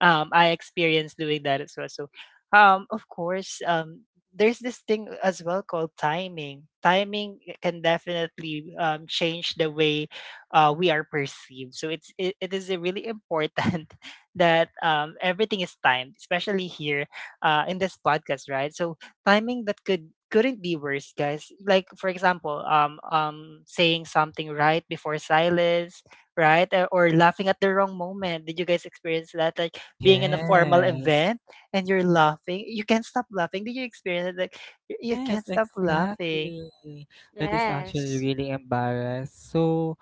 [SPEAKER 1] I experienced doing that as well. So of course, there's this thing as well called timing. Timing can definitely change the way we are perceived. So it is really important that everything is timed, especially here in this podcast, right? So timing that could couldn't be worse, guys. Like for example, saying something right before silence, right, or laughing at the wrong moment. Did you guys experience that? Like being in a formal
[SPEAKER 2] Yes.
[SPEAKER 1] event and you're laughing, you can't stop laughing. Did you experience it? Like you
[SPEAKER 2] Yes,
[SPEAKER 1] can't stop laughing.
[SPEAKER 2] exactly. That is actually really embarrassed. So,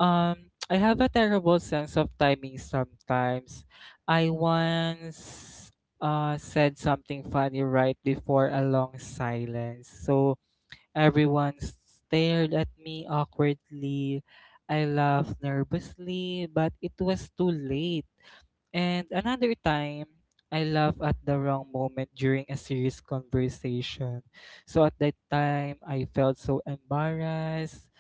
[SPEAKER 2] I have a terrible sense of timing sometimes. I once said something funny right before a long silence. So everyone stared at me awkwardly. I laughed nervously, but it was too late. And another time, I laugh at the wrong moment during a serious conversation. So at that time, I felt so embarrassed.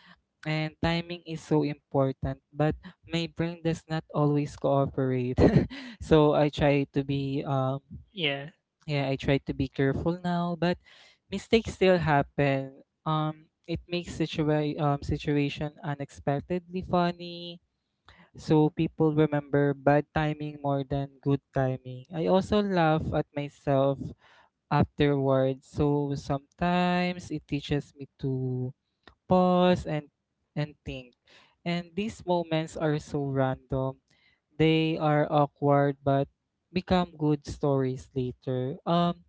[SPEAKER 2] And timing is so important, but my brain does not always cooperate. So I try to be
[SPEAKER 1] Yeah,
[SPEAKER 2] yeah, I try to be careful now, but mistakes still happen. It makes situation unexpectedly funny. So people remember bad timing more than good timing. I also laugh at myself afterwards. So sometimes it teaches me to pause and think. And these moments are so random. They are awkward but become good stories later.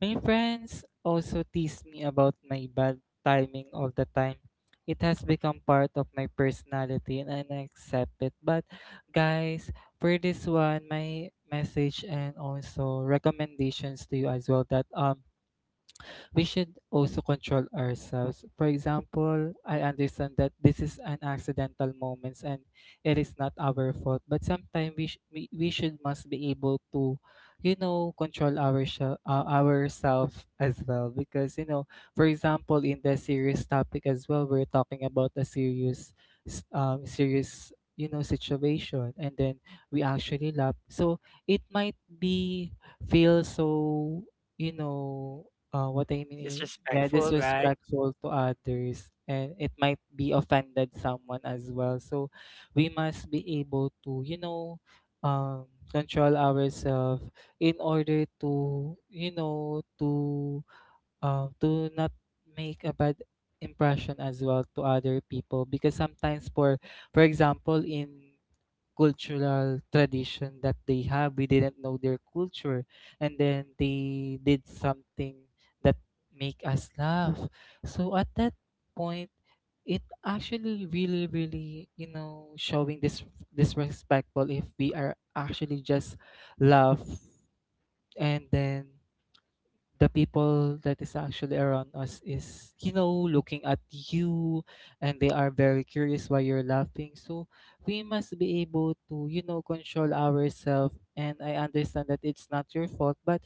[SPEAKER 2] My friends also tease me about my bad timing all the time. It has become part of my personality and I accept it. But guys, for this one, my message and also recommendations to you as well, that we should also control ourselves. For example, I understand that this is an accidental moments and it is not our fault. But sometimes we, we should must be able to, control ourselves as well. Because, for example, in the serious topic as well, we're talking about a serious, serious, situation, and then we actually laugh, so it might be feel so, you know what I mean is, yeah,
[SPEAKER 1] disrespectful, right?
[SPEAKER 2] disrespectful to others, and it might be offended someone as well. So we must be able to, um, control ourselves in order to, you know, to not make a bad impression as well to other people because sometimes for example in cultural tradition that they have. We didn't know their culture, and then they did something that make us laugh. So at that point, it actually really, really, showing this disrespectful if we are actually just laugh and then the people that is actually around us is looking at you, and they are very curious why you're laughing. So we must be able to control ourselves, and I understand that it's not your fault, but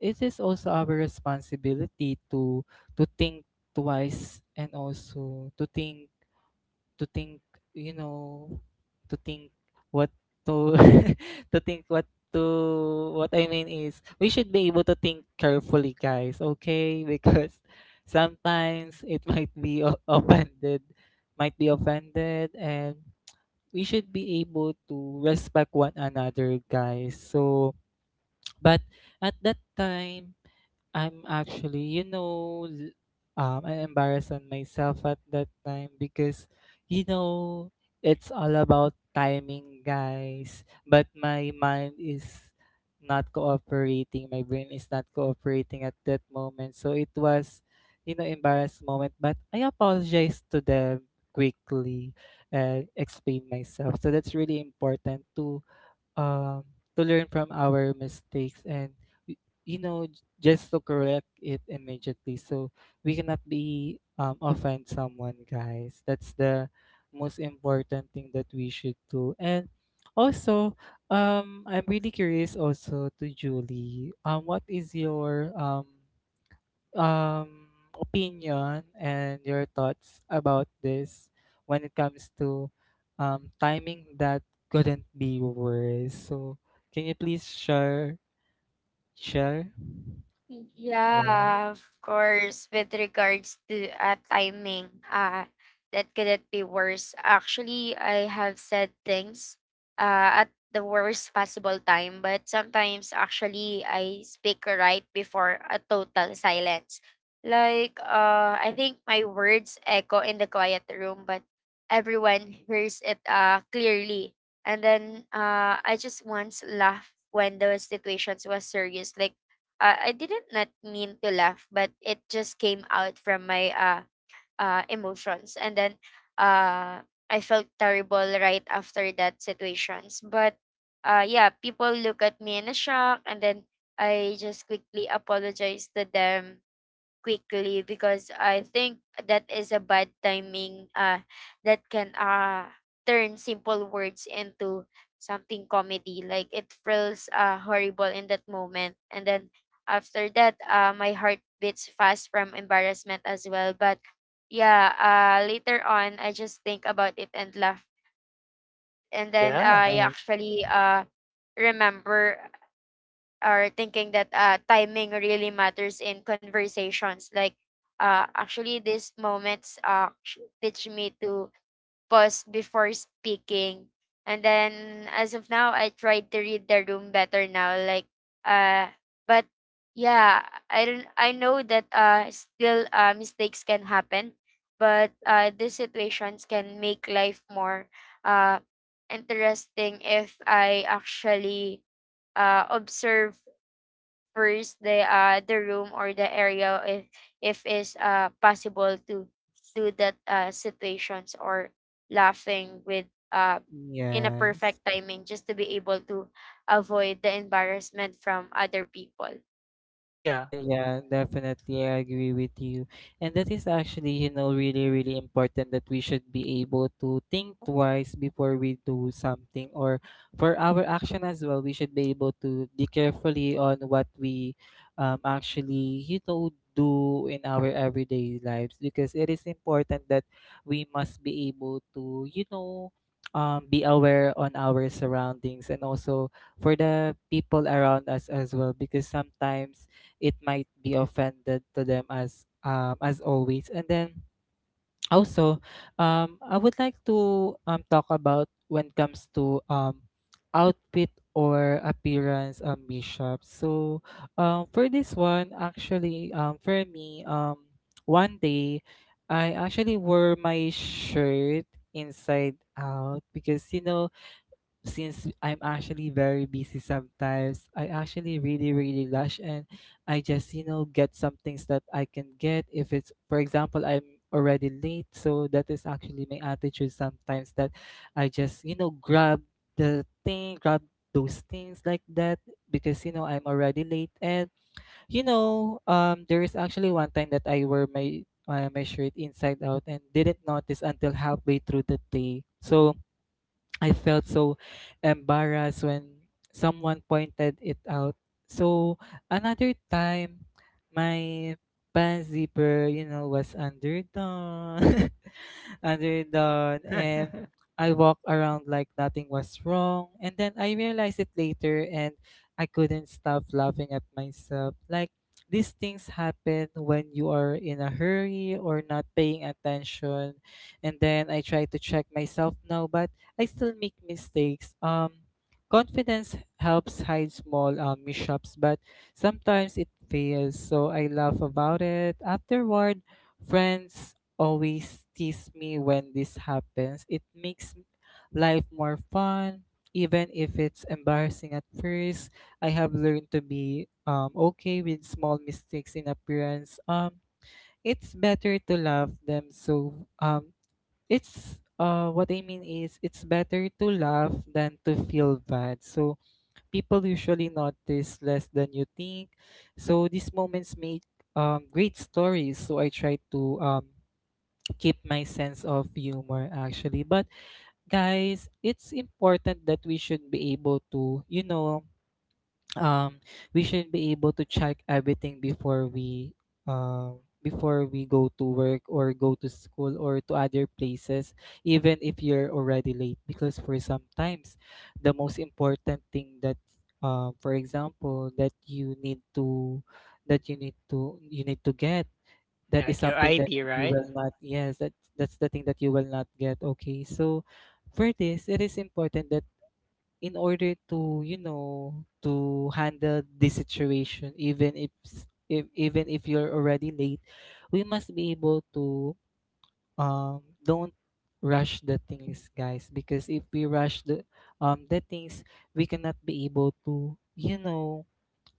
[SPEAKER 2] it is also our responsibility to think twice, and also to think you know to think what to to think what to what I mean is we should be able to think carefully, guys, okay? Because sometimes it might be offended, and we should be able to respect one another, guys. So, but at that time, I'm actually, you know, I'm embarrassed on myself at that time because, you know, it's all about timing, guys. But my mind is not cooperating. My brain is not cooperating at that moment. So it was, you know, embarrassed moment. But I apologized to them quickly and explain myself. So that's really important um, to learn from our mistakes and y- you know j- just to correct it immediately, so we cannot be offend someone, guys. That's the most important thing that we should do. And also, I'm really curious also to Julie. What is your um, opinion and your thoughts about this when it comes to timing that couldn't be worse? So, can you please share? Share? Yeah.
[SPEAKER 1] Yeah,
[SPEAKER 2] Yes. Yes.
[SPEAKER 1] yeah,
[SPEAKER 2] Yeah, definitely, I agree with you. And that is actually, you know, really, really important that we should be able to think twice before we do something, or for our action as well, we should be able to be carefully on what we actually, you know, do in our everyday lives, because it is important that we must be able to, you know, be aware on our surroundings and also for the people around us as well, because sometimes it might be offended to them as always. And then also, I would like to talk about when it comes to outfit or appearance ambition. So, for this one actually, for me, one day I actually wore my shirt inside out, because you know, since I'm actually very busy sometimes, I actually really, really rush, and I just, you know, get some things that I can get. If it's, for example, I'm already late. So that is actually my attitude sometimes, that I just, you know, grab the thing, grab those things like that because, you know, I'm already late. And, you know, there is actually one time that I wear my, my shirt inside out and didn't notice until halfway through the day. So, I felt so embarrassed when someone pointed it out. So another time, my pants zipper, you know, was underdone, and I walked around like nothing was wrong. And then I realized it later, and I couldn't stop laughing at myself. Like these things happen when you are in a hurry or not paying attention. And then I tried to check myself now, but I still make mistakes. Confidence helps hide small mishaps, but sometimes it fails, so I laugh about it. Afterward, friends always tease me when this happens. It makes life more fun, even if it's embarrassing at first. I have learned to be okay with small mistakes in appearance. It's better to love them. It's what I mean is It's better to laugh than to feel bad. So people usually notice less than you think. So these moments make great stories. So I try to keep my sense of humor actually. But guys, it's important that we should be able to, you know, um we should be able to check everything before we go to work or go to school or to other places, even if you're already late. Because for sometimes, the most important thing that, for example, that you need to get.
[SPEAKER 1] yeah.
[SPEAKER 2] That
[SPEAKER 1] Like
[SPEAKER 2] is
[SPEAKER 1] your
[SPEAKER 2] something that
[SPEAKER 1] ID,
[SPEAKER 2] you
[SPEAKER 1] right?
[SPEAKER 2] will not, yes, that's the thing that you will not get, okay? So for this, it is important that in order to, you know, to handle this situation even if, even if you're already late, we must be able to don't rush the things, guys. Because if we rush the things, we cannot be able to, you know,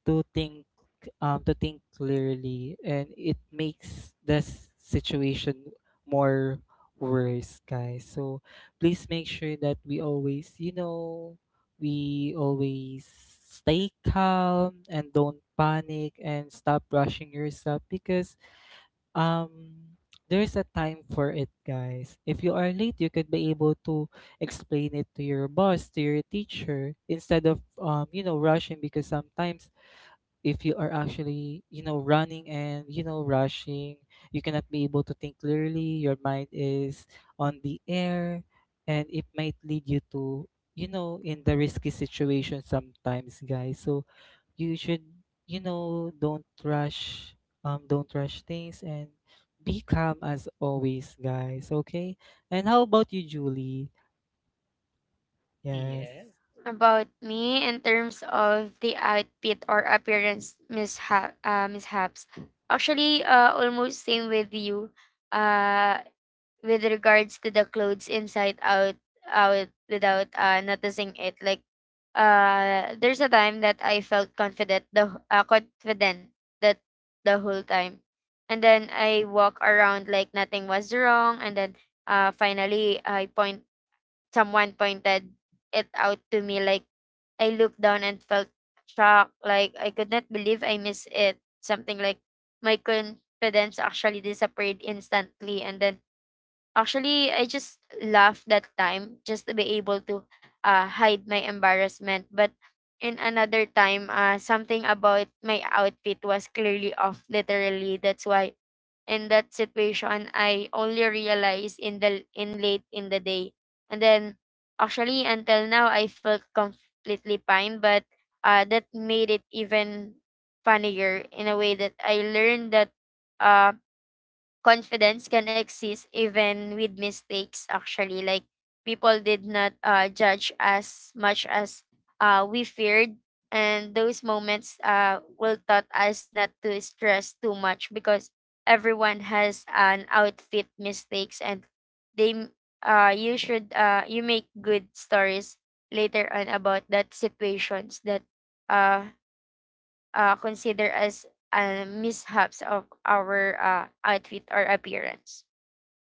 [SPEAKER 2] to think, to think clearly, and it makes the situation more worse, guys. So please make sure that we always, you know, we always stay calm and don't panic and stop rushing yourself, because um there's a time for it, guys. If you are late, you could be able to explain it to your boss, to your teacher, instead of you know, rushing. Because sometimes, if you are actually, you know, running and, you know, rushing, you cannot be able to think clearly. Your mind is on the air, and it might lead you to, you know, in the risky situation sometimes, guys. So you should, you know, don't rush, don't rush things, and be calm as always, guys, okay? And how about you, Julie? Yes.
[SPEAKER 1] Yeah.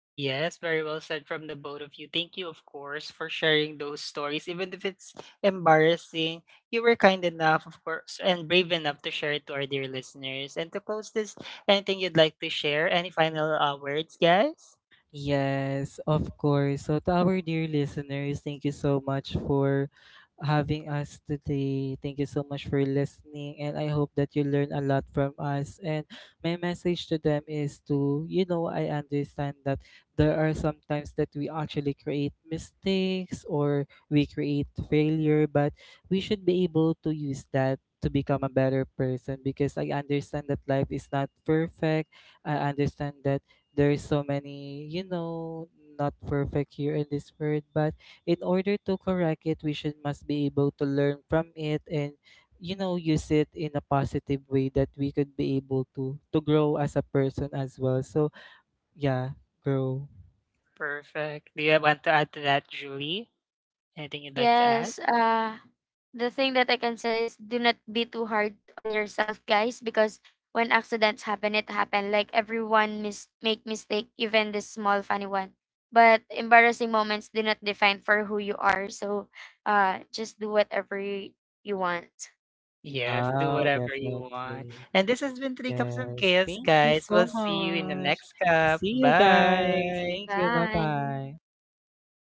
[SPEAKER 1] Yes, very well said from the both of you. Thank you, of course, for sharing those stories. Even if it's embarrassing, you were kind enough, of course, and brave enough to share it to our dear listeners. And to close this, anything you'd like to share? Any final words, guys?
[SPEAKER 2] Yes, of course. So, to our dear listeners, thank you so much for having us today. Thank you so much for listening, and I hope that you learn a lot from us. And my message to them is to, you know, I understand that there are sometimes that we actually create mistakes or we create failure, but we should be able to use that to become a better person, because I understand that life is not perfect. I understand that there is so many, you know, not perfect here in this world, but in order to correct it, we should must be able to learn from it and, you know, use it in a positive way, that we could be able to grow as a person as well. So yeah, grow.
[SPEAKER 1] Perfect. Do you want to add to that, Julie? Anything you'd like to add? Yes, do wow,
[SPEAKER 2] Wow,
[SPEAKER 1] whatever you want.
[SPEAKER 2] definitely.
[SPEAKER 1] And this has been Three Cups of
[SPEAKER 2] Yes,
[SPEAKER 1] Chaos,
[SPEAKER 2] thank you
[SPEAKER 1] guys. We'll
[SPEAKER 2] so
[SPEAKER 1] see you in the next
[SPEAKER 2] much.
[SPEAKER 1] cup.
[SPEAKER 2] See you, guys.
[SPEAKER 1] Bye.
[SPEAKER 2] Thank you. Bye bye.